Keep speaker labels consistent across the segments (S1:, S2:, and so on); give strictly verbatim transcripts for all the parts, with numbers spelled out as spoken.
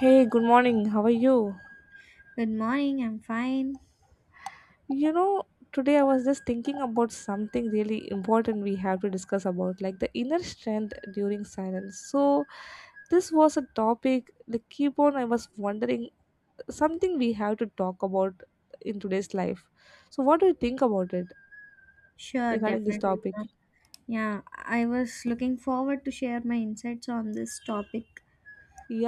S1: Hey, good morning. How are you?
S2: Good morning, I'm fine.
S1: You know, Today I was just thinking about something really important we have to discuss about, like the inner strength during silence. So, this was a topic, the keep on I was wondering something we have to talk about in today's life. So, what do you think about it
S2: Sure,
S1: regarding this
S2: definitely, you
S1: topic?
S2: know. Yeah, I was looking forward to share my insights on this topic,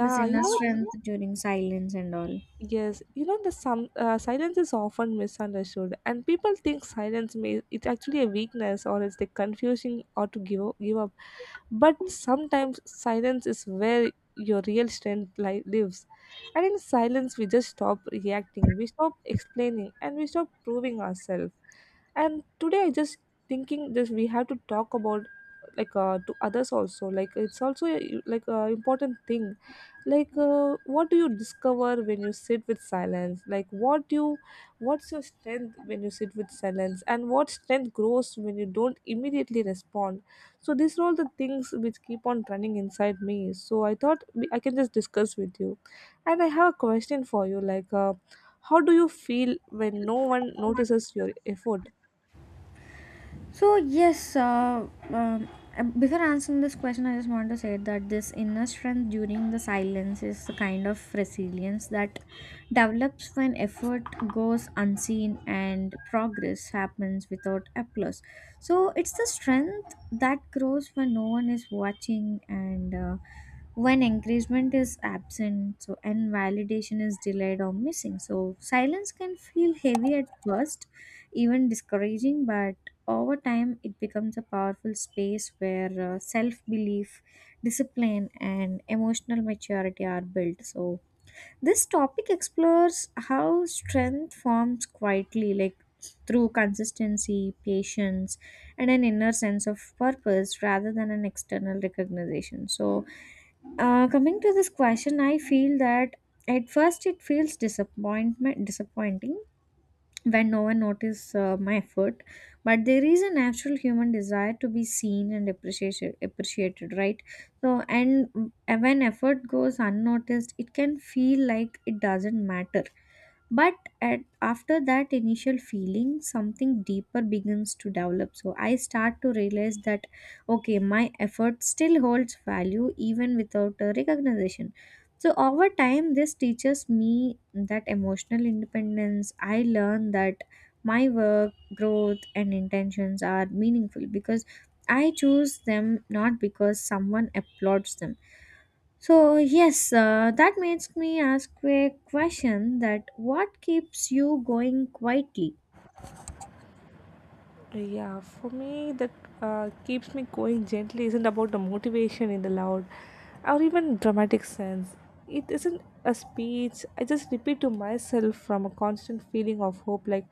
S2: this
S1: you
S2: inner
S1: know,
S2: strength during silence and all.
S1: yes, you know the some uh, silence is often misunderstood, and people think silence may it's actually a weakness or it's the confusing or to give up, give up. But sometimes silence is where your real strength li- lives, and in silence we just stop reacting, we stop explaining, and we stop proving ourselves. And today I just thinking this we have to talk about like uh, to others also like it's also a, like a important thing, like uh, what do you discover when you sit with silence, like what do you what's your strength when you sit with silence, and what strength grows when you don't immediately respond? So these are all the things which keep on running inside me, so I thought we- I can just discuss with you. And I have a question for you, like uh, how do you feel when no one notices your effort?
S2: So yes, uh, um, uh, Before answering this question, I just want to say that this inner strength during the silence is the kind of resilience that develops when effort goes unseen and progress happens without applause. So it's the strength that grows when no one is watching, and uh, when encouragement is absent, so and validation is delayed or missing. So silence can feel heavy at first, even discouraging, but over time it becomes a powerful space where uh, self belief, discipline, and emotional maturity are built. So this topic explores how strength forms quietly, like through consistency, patience, and an inner sense of purpose rather than an external recognition. So uh, coming to this question, I feel that at first it feels disappointment disappointing when no one notices uh, my effort, but there is a natural human desire to be seen and appreciated, appreciated, right? So, and uh, when effort goes unnoticed, it can feel like it doesn't matter, but at, after that initial feeling, something deeper begins to develop. So I start to realize that okay, my effort still holds value even without a recognition. So over time this teaches me that emotional independence. I learn that my work, growth, and intentions are meaningful because I choose them, not because someone applauds them. So yes, uh, that makes me ask a question: that what keeps you going quietly?
S1: Yeah, for me, that uh, keeps me going gently isn't about the motivation in the loud or even dramatic sense. It isn't a speech. I just repeat to myself from a constant feeling of hope, like,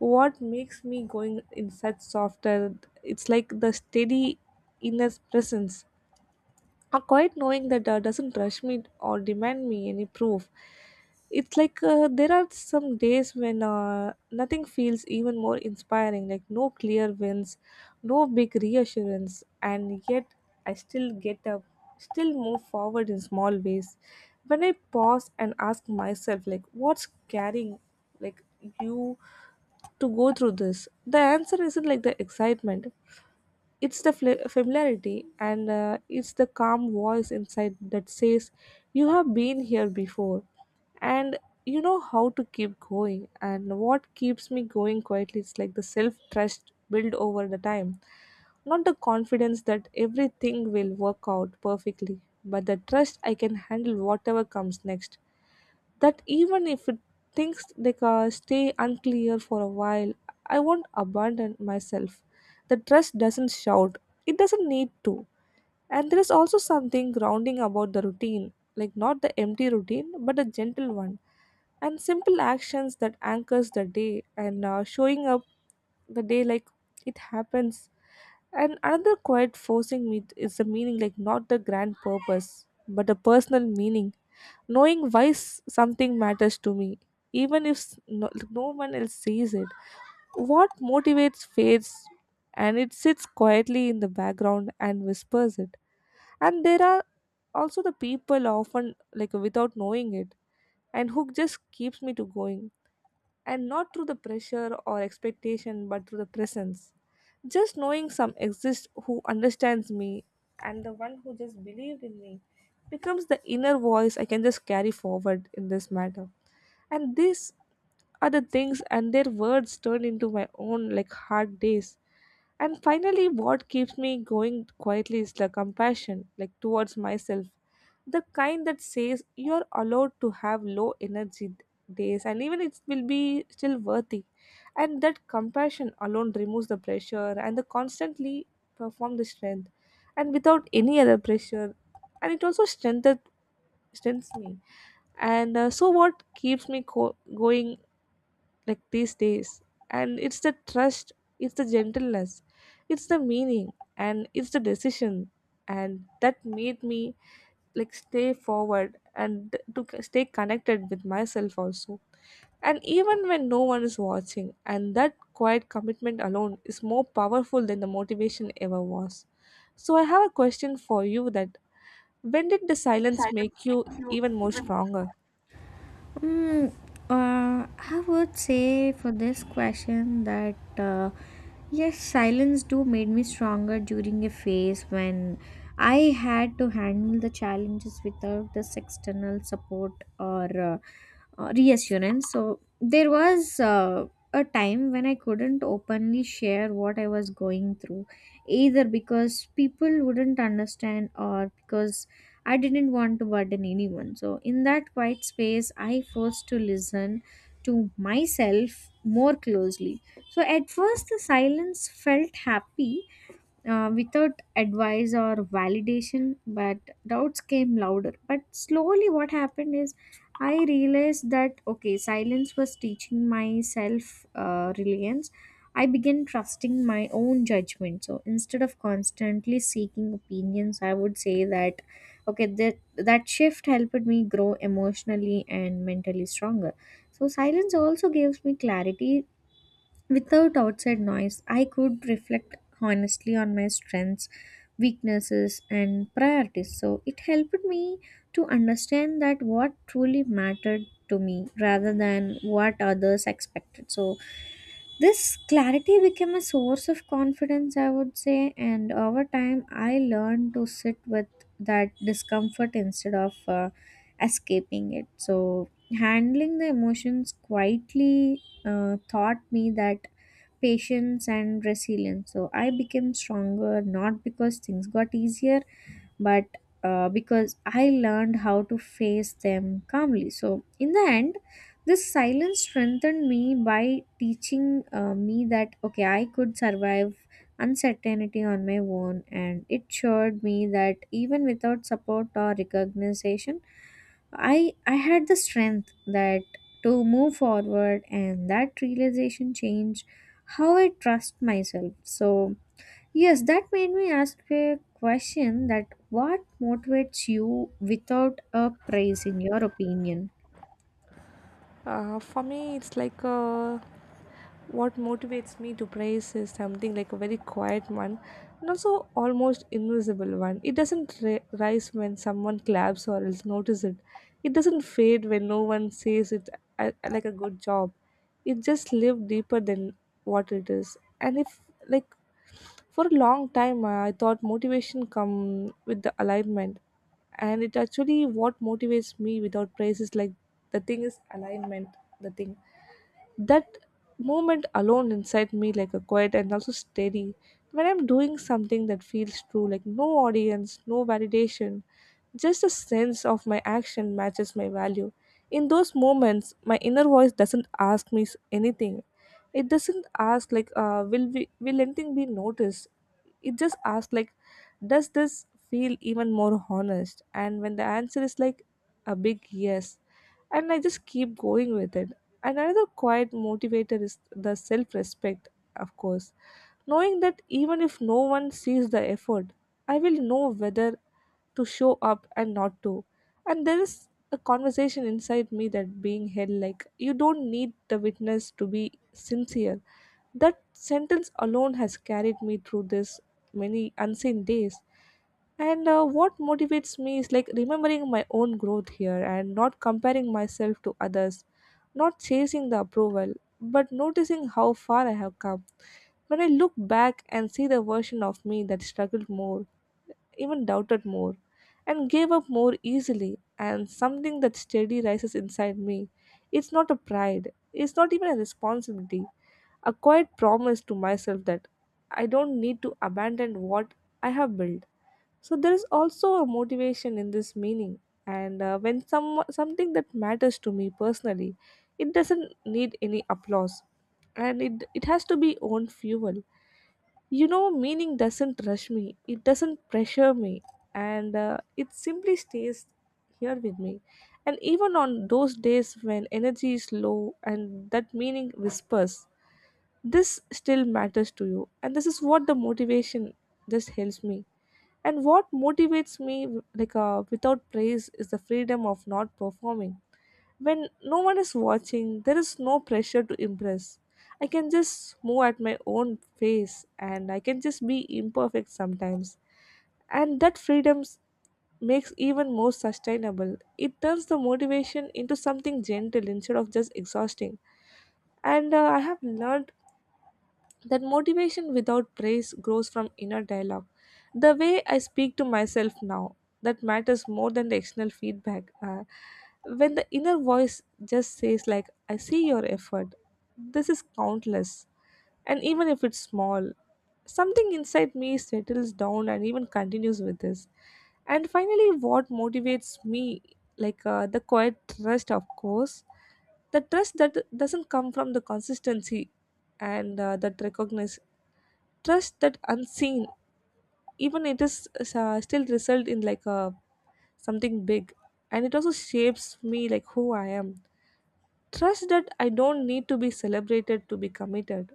S1: what makes me going in such softer? It's like the steady inner presence, a quiet knowing that uh, doesn't rush me or demand me any proof. It's like, uh, there are some days when uh, nothing feels even more inspiring, like no clear wins, no big reassurance, and yet I still get up, still move forward in small ways. When I pause and ask myself, like, what's carrying, like, you to go through this? The answer isn't like the excitement, it's the fl- familiarity, and uh, it's the calm voice inside that says, you have been here before and you know how to keep going. And what keeps me going quietly is like the self trust built over the time. Not the confidence that everything will work out perfectly, but the trust I can handle whatever comes next, that even if it things they can stay unclear for a while, I won't abandon myself. The trust doesn't shout. It doesn't need to. And there is also something grounding about the routine, like not the empty routine, but a gentle one, and simple actions that anchors the day, and uh, showing up the day like it happens. And another quiet forcing me is the meaning, like not the grand purpose, but a personal meaning, knowing why s- something matters to me, even if s- no, no one else sees it. What motivates fades, and it sits quietly in the background and whispers it. And there are also the people, often, like, without knowing it, and who just keeps me to going, and not through the pressure or expectation, but through the presence, just knowing some exists who understands me, and the one who just believed in me becomes the inner voice I can just carry forward in this matter. And these are the things, and their words turn into my own, like hard days. And finally, what keeps me going quietly is the compassion, like towards myself, the kind that says you're allowed to have low energy days, and even it will be still worthy. And that compassion alone removes the pressure and the constantly perform the strength, and without any other pressure. And it also strengthens strengthens me. And uh, so what keeps me co- going like these days, and it's the trust, it's the gentleness, it's the meaning, and it's the decision. And that made me, like, stay forward and to c- stay connected with myself also, and even when no one is watching. And that quiet commitment alone is more powerful than the motivation ever was. So I have a question for you, that when did the silence make you even more stronger?
S2: Mm, uh, I would say for this question that uh, yes, silence do made me stronger during a phase when I had to handle the challenges without this external support, or uh, uh, reassurance. So there was uh, a time when I couldn't openly share what I was going through, either because people wouldn't understand, or because I didn't want to burden anyone. So, in that quiet space, I forced to listen to myself more closely. So, at first, the silence felt happy, uh, without advice or validation, but doubts came louder. But slowly, what happened is I realized that okay, silence was teaching myself uh, reliance. I began trusting my own judgment. So instead of constantly seeking opinions, I would say that okay, that that shift helped me grow emotionally and mentally stronger. So silence also gives me clarity. Without outside noise, I could reflect honestly on my strengths, weaknesses, and priorities. So it helped me to understand that what truly mattered to me rather than what others expected. So this clarity became a source of confidence, I would say, and over time I learned to sit with that discomfort instead of uh, escaping it. So handling the emotions quietly uh, taught me that patience and resilience. So I became stronger, not because things got easier, but uh, because I learned how to face them calmly. So in the end, this silence strengthened me by teaching uh, me that okay, I could survive uncertainty on my own, and it showed me that even without support or recognition, I I had the strength that to move forward, and that realization changed how I trust myself. So yes, that made me ask a question: that what motivates you without a praise in your opinion?
S1: Uh, for me, it's like, uh, what motivates me to praise is something like a very quiet one, and also almost invisible one. It doesn't ri- rise when someone claps or else notice it. It doesn't fade when no one says it, uh, like a good job. It just lives deeper than what it is. And if, like, for a long time, uh, I thought motivation come with the alignment, and it actually what motivates me without praise is like the thing is alignment, the thing that moment alone inside me, like a quiet and also steady. When I'm doing something that feels true, like no audience, no validation, just a sense of my action matches my value. In those moments, my inner voice doesn't ask me s- anything. It doesn't ask like, uh, will we will anything be noticed, it just asks, like, does this feel even more honest? And when the answer is like a big yes, and I just keep going with it. And another quiet motivator is the self respect, of course, knowing that even if no one sees the effort, I will know whether to show up and not to. And there is a conversation inside me that being held, like, you don't need the witness to be sincere. That sentence alone has carried me through this many unseen days. And uh, what motivates me is like remembering my own growth here, and not comparing myself to others, not chasing the approval, but noticing how far I have come. When I look back and see the version of me that struggled more, even doubted more, and gave up more easily, and something that steady rises inside me. It's not a pride, it's not even a responsibility, a quiet promise to myself that I don't need to abandon what I have built. So there is also a motivation in this meaning, and uh, when some something that matters to me personally, it doesn't need any applause, and it it has to be own fuel. You know meaning doesn't rush me, it doesn't pressure me, and uh, it simply stays here with me. And even on those days when energy is low, and that meaning whispers this still matters to you, and this is what the motivation just helps me. And what motivates me, like, uh, without praise is the freedom of not performing. When no one is watching, there is no pressure to impress. I can just move at my own pace, and I can just be imperfect sometimes. And that freedom s- makes even more sustainable. It turns the motivation into something gentle instead of just exhausting. And uh, I have learned that motivation without praise grows from inner dialogue. The way I speak to myself now, that matters more than the external feedback. Uh, when the inner voice just says, like, I see your effort, this is countless, and even if it's small, something inside me settles down and even continues with this. And finally, what motivates me, like, uh, the quiet trust, of course, the trust that doesn't come from the consistency, and uh, that recognize trust that unseen, even it is, uh, still result in like a something big. And it also shapes me, like who I am, trust that I don't need to be celebrated to be committed.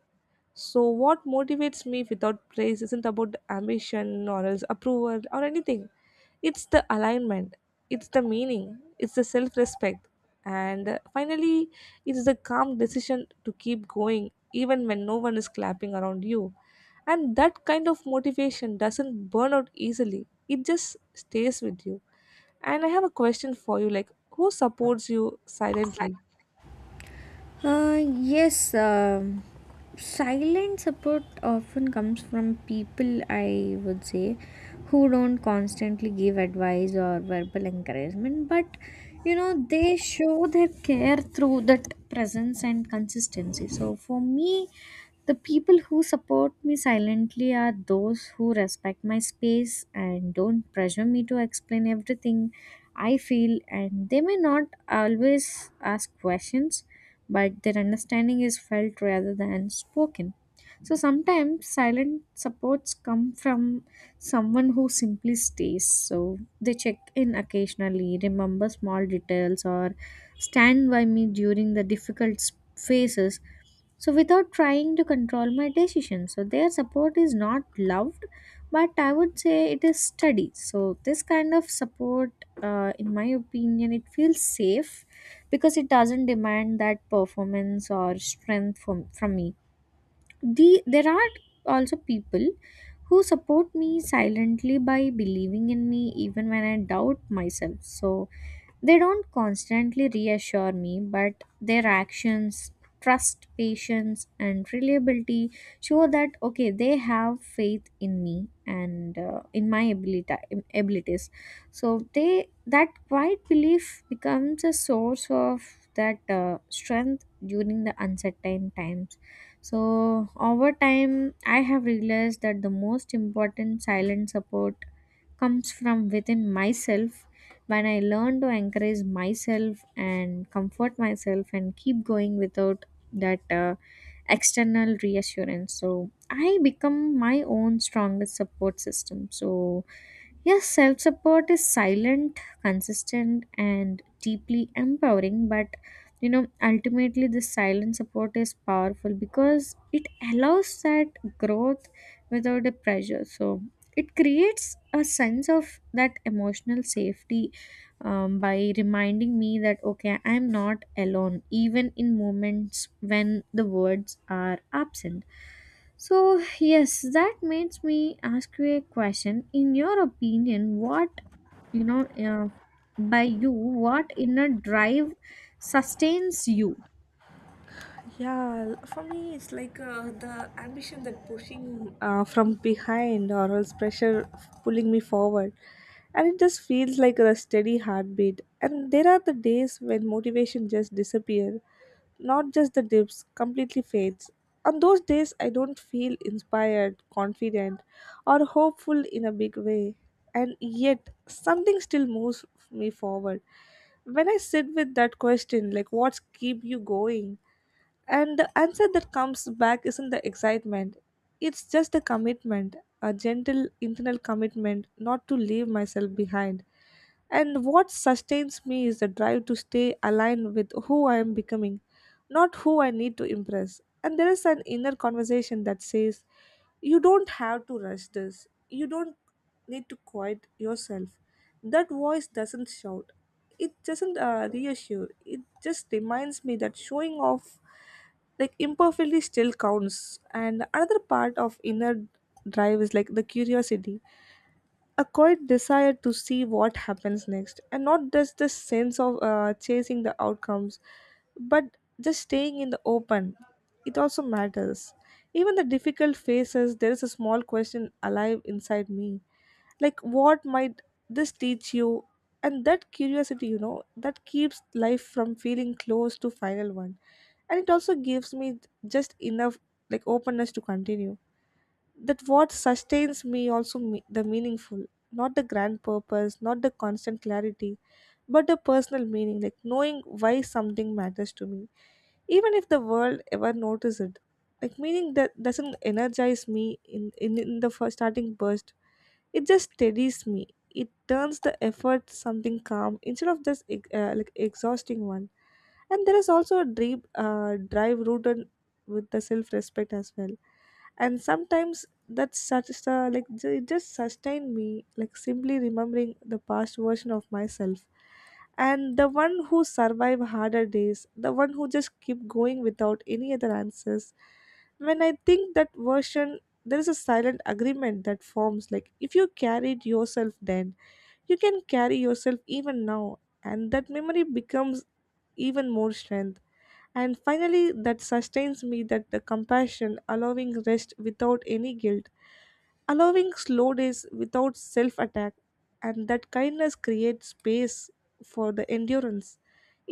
S1: So what motivates me without praise isn't about ambition or else approval or anything, it's the alignment, it's the meaning, it's the self-respect, and uh, finally it's the calm decision to keep going even when no one is clapping around you. And that kind of motivation doesn't burn out easily. It just stays with you. And I have a question for you, like, who supports you silently?
S2: Uh, yes, um silent support often comes from people, I would say, who don't constantly give advice or verbal encouragement, but you know, they show their care through that presence and consistency. So, for me, the people who support me silently are those who respect my space and don't pressure me to explain everything I feel, and they may not always ask questions, but their understanding is felt rather than spoken. So sometimes silent supports come from someone who simply stays. So they check in occasionally, remember small details, or stand by me during the difficult s- phases, so without trying to control my decision. So their support is not loved, but I would say it is steady. So this kind of support, uh, in my opinion, it feels safe because it doesn't demand that performance or strength from, from me. The, there are also people who support me silently by believing in me even when I doubt myself. So they don't constantly reassure me, but their actions, trust, patience, and reliability show that okay, they have faith in me, and uh, in my ability abilities. So they that quiet belief becomes a source of that uh, strength during the uncertain times. So over time, I have realized that the most important silent support comes from within myself, when I learn to encourage myself and comfort myself and keep going without that uh, external reassurance. So I become my own strongest support system. So yes, self support is silent, consistent, and deeply empowering, but you know, ultimately, this silent support is powerful because it allows that growth without a pressure. So, it creates a sense of that emotional safety, um, by reminding me that okay, I'm not alone, even in moments when the words are absent. So, yes, that makes me ask you a question. In your opinion, what, you know, uh, by you, what inner drive sustains you?
S1: Yeah, for me, it's like, uh, the ambition that pushing uh, from behind or else pressure f- pulling me forward. And it just feels like a steady heartbeat. And there are the days when motivation just disappears, not just the dips, completely fades. On those days, I don't feel inspired, confident, or hopeful in a big way. And yet, something still moves me forward. When I sit with that question, like, what's keep you going? And the answer that comes back isn't the excitement, it's just a commitment, a gentle internal commitment not to leave myself behind. And what sustains me is the drive to stay aligned with who I am becoming, not who I need to impress. And there is an inner conversation that says, you don't have to rush this, you don't need to quiet yourself. That voice doesn't shout, it doesn't uh, reassure, it just reminds me that showing off like imperfectly still counts. And another part of inner drive is like the curiosity, a quiet desire to see what happens next, and not just the sense of uh, chasing the outcomes, but just staying in the open it also matters. Even the difficult phases, there is a small question alive inside me, like what might this teach you? And that curiosity, you know, that keeps life from feeling close to final one, and it also gives me just enough like openness to continue. That what sustains me also me- the meaningful, not the grand purpose, not the constant clarity, but the personal meaning, like knowing why something matters to me even if the world ever notices it. Like meaning that doesn't energize me in in, in the first starting burst, it just steadies me. It turns the effort something calm instead of just ex- uh, like exhausting one. And there is also a deep uh, drive rooted with the self-respect as well. And sometimes that's such a like ju- it just sustained me like simply remembering the past version of myself, and the one who survive harder days, the one who just keep going without any other answers. When I think that version, there is a silent agreement that forms, like if you carried yourself then you can carry yourself even now, and that memory becomes even more strength. And finally that sustains me, that the compassion allowing rest without any guilt, allowing slow days without self attack, and that kindness creates space for the endurance.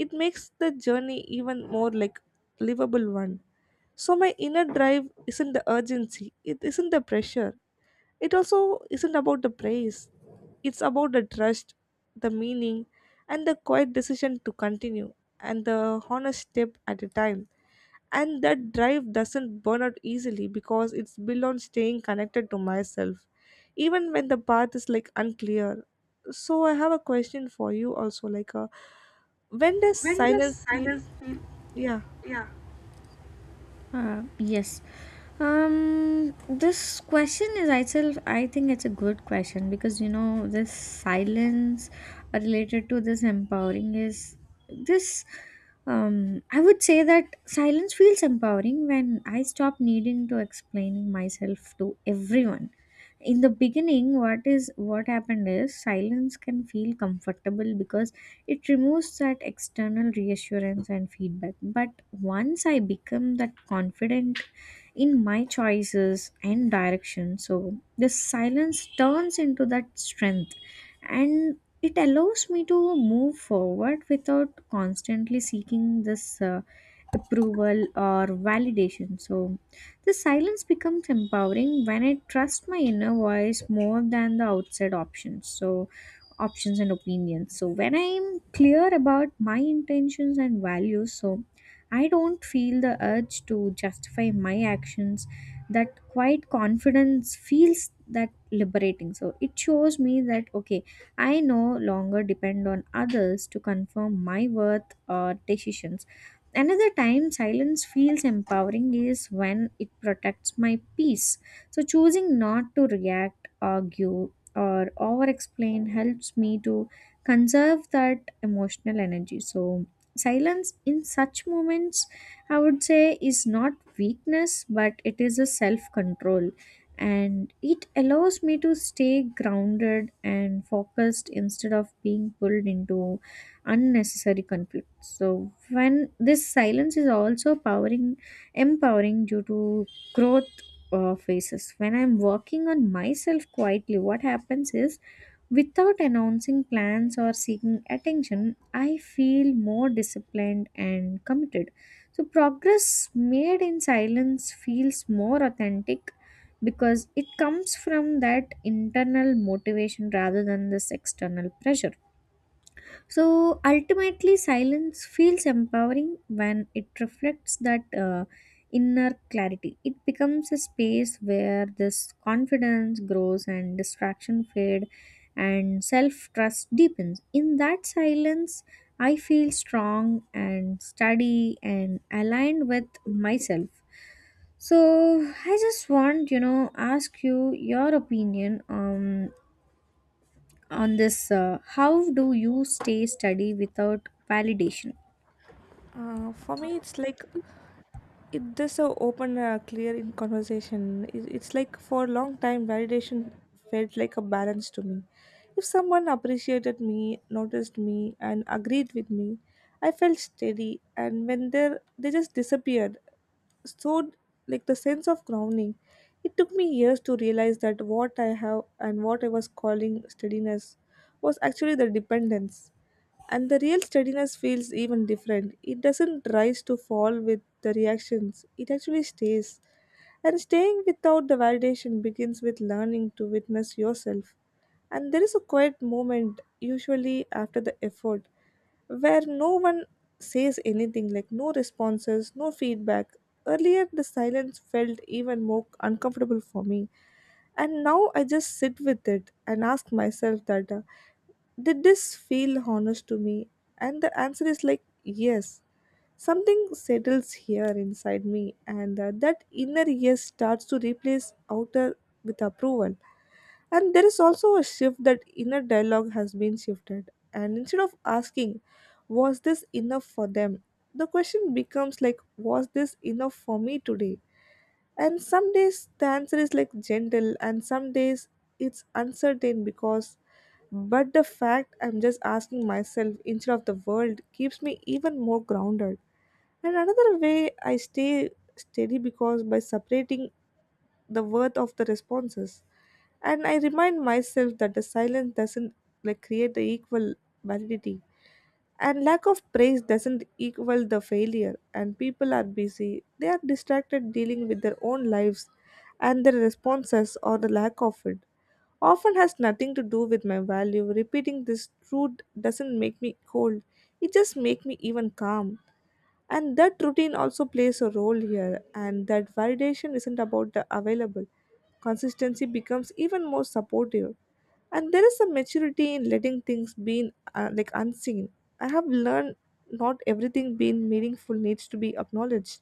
S1: It makes the journey even more like livable one. So my inner drive isn't the urgency, it isn't the pressure, it also isn't about the praise, it's about the trust, the meaning, and the quiet decision to continue, and the honest step at a time. And that drive doesn't burn out easily because it's built on staying connected to myself, even when the path is like unclear. So, I have a question for you also like, uh, when does silence feel? Yeah,
S2: Uh, yes. Um, this question is itself, I think it's a good question, because you know, this silence uh, related to this empowering is this. Um, I would say that silence feels empowering when I stop needing to explaining myself to everyone. In the beginning, what is what happened is silence can feel comfortable because it removes that external reassurance and feedback. But once I become that confident in my choices and direction, so the silence turns into that strength, and it allows me to move forward without constantly seeking this uh, approval or validation. So the silence becomes empowering when I trust my inner voice more than the outside options. So options and opinions, so when I'm clear about my intentions and values, so I don't feel the urge to justify my actions. That quiet confidence feels that liberating, so it shows me that okay, I no longer depend on others to confirm my worth or decisions. Another time silence feels empowering is when it protects my peace. So choosing not to react, argue, or over explain helps me to conserve that emotional energy. So silence in such moments, I would say, is not weakness, but it is a self control, and it allows me to stay grounded and focused instead of being pulled into unnecessary conflict. So when this silence is also powering empowering due to growth uh, phases. When I'm working on myself quietly, what happens is without announcing plans or seeking attention, I feel more disciplined and committed. So, progress made in silence feels more authentic because it comes from that internal motivation rather than this external pressure. So ultimately, silence feels empowering when it reflects that uh, inner clarity. It becomes a space where this confidence grows and distraction fade and self trust deepens. In that silence, I feel strong and steady and aligned with myself. So I just want, you know, ask you your opinion on on this, uh, how do you stay steady without validation?
S1: uh, for me, it's like it this so open uh, clear in conversation. It- it's like for a long time validation felt like a balance to me. If someone appreciated me, noticed me and agreed with me, I felt steady, and when they they just disappeared. So like the sense of grounding, it took me years to realize that what I have and what I was calling steadiness was actually the dependence. And the real steadiness feels even different, it doesn't rise to fall with the reactions, it actually stays. And staying without the validation begins with learning to witness yourself. And there is a quiet moment usually after the effort where no one says anything, like no responses, no feedback. Earlier, the silence felt even more uncomfortable for me, and now I just sit with it and ask myself that, uh, did this feel honest to me? And the answer is like yes. Something settles here inside me, and uh, that inner yes starts to replace outer with approval. And there is also a shift, that inner dialogue has been shifted. And instead of asking, was this enough for them? The question becomes like, was this enough for me today? And some days the answer is like gentle, and some days it's uncertain because, but the fact I'm just asking myself instead of the world keeps me even more grounded. And another way I stay steady, because by separating the worth of the responses. And I remind myself that the silence doesn't like create the equal validity, and lack of praise doesn't equal the failure. And people are busy, they are distracted dealing with their own lives, and their responses or the lack of it often has nothing to do with my value. Repeating this truth doesn't make me cold, it just makes me even calm. And that routine also plays a role here, and that validation isn't about the available consistency becomes even more supportive. And there is a maturity in letting things be uh, like unseen. I have learned not everything being meaningful needs to be acknowledged.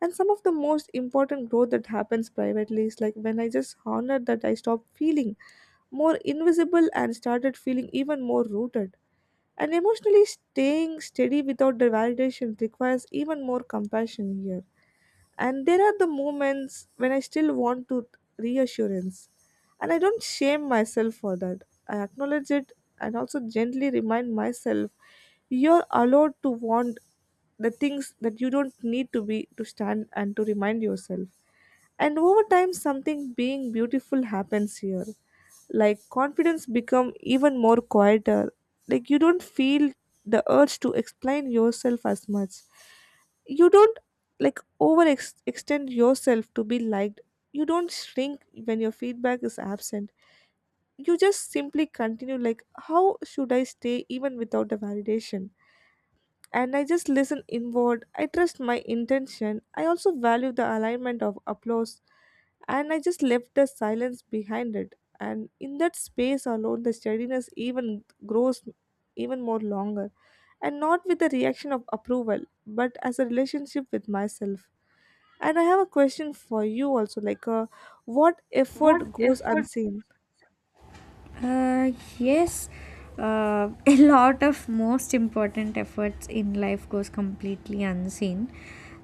S1: And some of the most important growth that happens privately is like when I just honored that, I stopped feeling more invisible and started feeling even more rooted. And emotionally staying steady without the validation requires even more compassion here. And there are the moments when I still want to reassurance. And I don't shame myself for that. I acknowledge it and also gently remind myself, you're allowed to want the things that you don't need to be to stand and to remind yourself. And over time something being beautiful happens here. Like confidence become even more quieter. Like you don't feel the urge to explain yourself as much, you don't like over ex- extend yourself to be liked, you don't shrink when your feedback is absent, you just simply continue. Like how should I stay even without a validation? And I just listen inward, I trust my intention, I also value the alignment of applause, and I just left the silence behind it. And in that space alone the steadiness even grows even more longer, and not with the reaction of approval but as a relationship with myself. And I have a question for you also like, uh, what effort goes unseen?
S2: Uh, yes, uh, a lot of most important efforts in life goes completely unseen,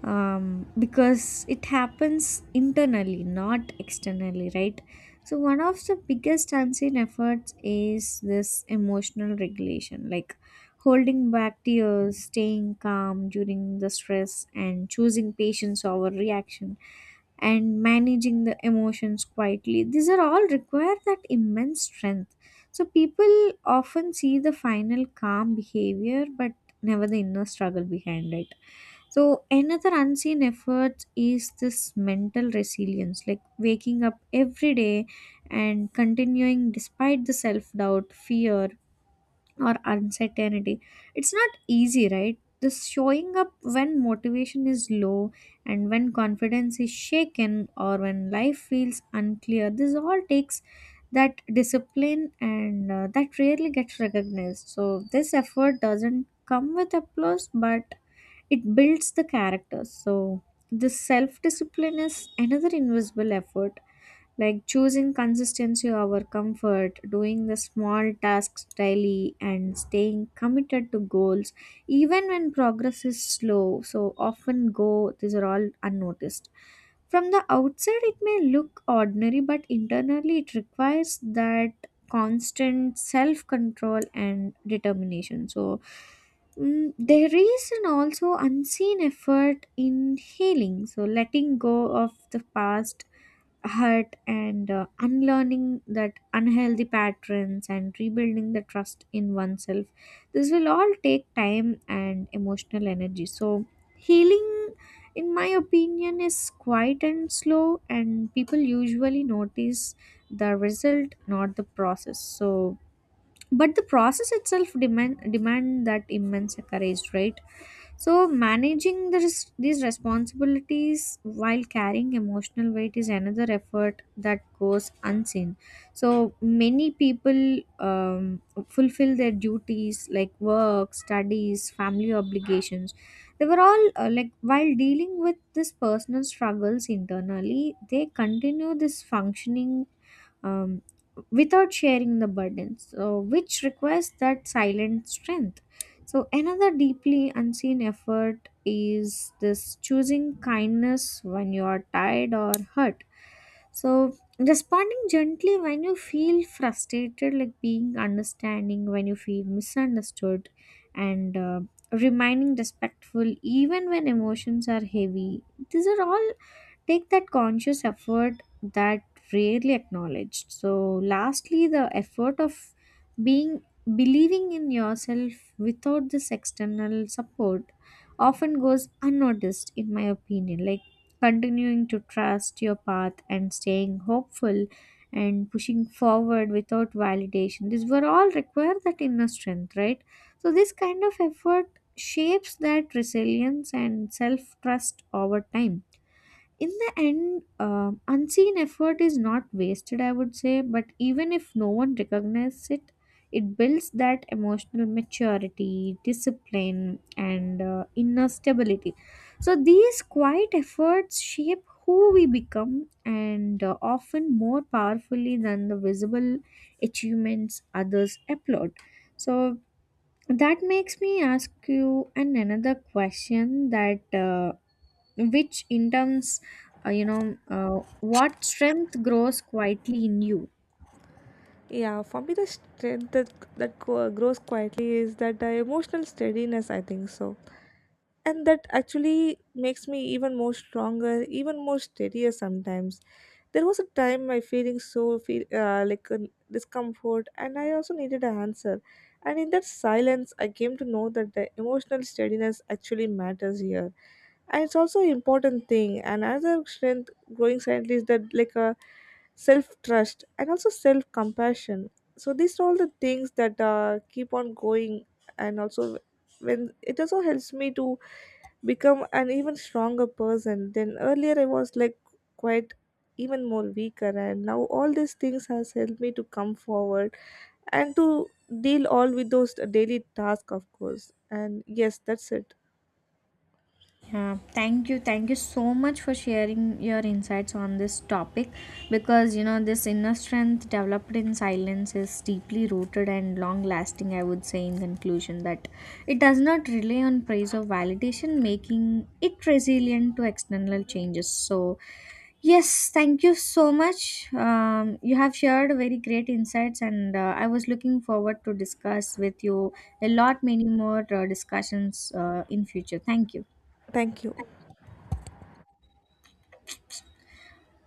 S2: um, because it happens internally, not externally, right? So one of the biggest unseen efforts is this emotional regulation, like holding back tears, staying calm during the stress, and choosing patience over reaction, and managing the emotions quietly. These are all require that immense strength. So people often see the final calm behavior, but never the inner struggle behind it. So another unseen effort is this mental resilience, like waking up every day and continuing despite the self doubt, fear, or uncertainty. It's not easy, right? This showing up when motivation is low and when confidence is shaken, or when life feels unclear. This all takes that discipline, and uh, that rarely gets recognized. So, this effort doesn't come with applause, but it builds the characters. So, this self discipline is another invisible effort, like choosing consistency over comfort, doing the small tasks daily, and staying committed to goals, even when progress is slow. So, often go, these are all unnoticed. From the outside, it may look ordinary, but internally, it requires that constant self control and determination. So, mm, there is an also unseen effort in healing, so letting go of the past hurt, and uh, unlearning that unhealthy patterns and rebuilding the trust in oneself. This will all take time and emotional energy. So healing, in my opinion, is quiet and slow, and people usually notice the result, not the process, so but the process itself demand demand that immense courage, right? So managing the res- these responsibilities while carrying emotional weight is another effort that goes unseen. So many people, um, fulfill their duties like work, studies, family obligations. They were all uh, like while dealing with this personal struggles internally, they continue this functioning, um, without sharing the burden, so, which requires that silent strength. So, another deeply unseen effort is this choosing kindness when you are tired or hurt. So, responding gently when you feel frustrated, like being understanding when you feel misunderstood, and uh, remaining respectful even when emotions are heavy. These are all take that conscious effort that rarely acknowledged. So lastly, the effort of being believing in yourself without this external support often goes unnoticed, in my opinion, like continuing to trust your path and staying hopeful and pushing forward without validation. These were all require that inner strength, right? So this kind of effort shapes that resilience and self trust over time. In the end, um unseen effort is not wasted, I would say, but even if no one recognizes it, it builds that emotional maturity, discipline, and uh, inner stability. So, these quiet efforts shape who we become, and uh, often more powerfully than the visible achievements others applaud. So, that makes me ask you an another question that. Uh, which in terms, uh, you know, uh, what strength grows quietly in you?
S1: Yeah, for me, the strength that, that go- grows quietly is that uh, emotional steadiness, I think so. And that actually makes me even more stronger, even more steadier sometimes. There was a time I feeling so feel uh, like uh, discomfort, and I also needed an answer. And in that silence, I came to know that the emotional steadiness actually matters here, and it's also an important thing. And another strength growing silently is that like a self trust and also self compassion. So these are all the things that uh, keep on going. And also when it also helps me to become an even stronger person then earlier I was like quite even more weaker, and now all these things has helped me to come forward, and to deal all with those daily tasks of course. And yes, that's it.
S2: Yeah, thank you, thank you so much for sharing your insights on this topic, because you know, this inner strength developed in silence is deeply rooted and long lasting, I would say, in conclusion that it does not rely on praise or validation, making it resilient to external changes. So yes, thank you so much. Um, you have shared very great insights, and uh, I was looking forward to discuss with you a lot many more uh, discussions uh, in future. Thank you.
S1: Thank you.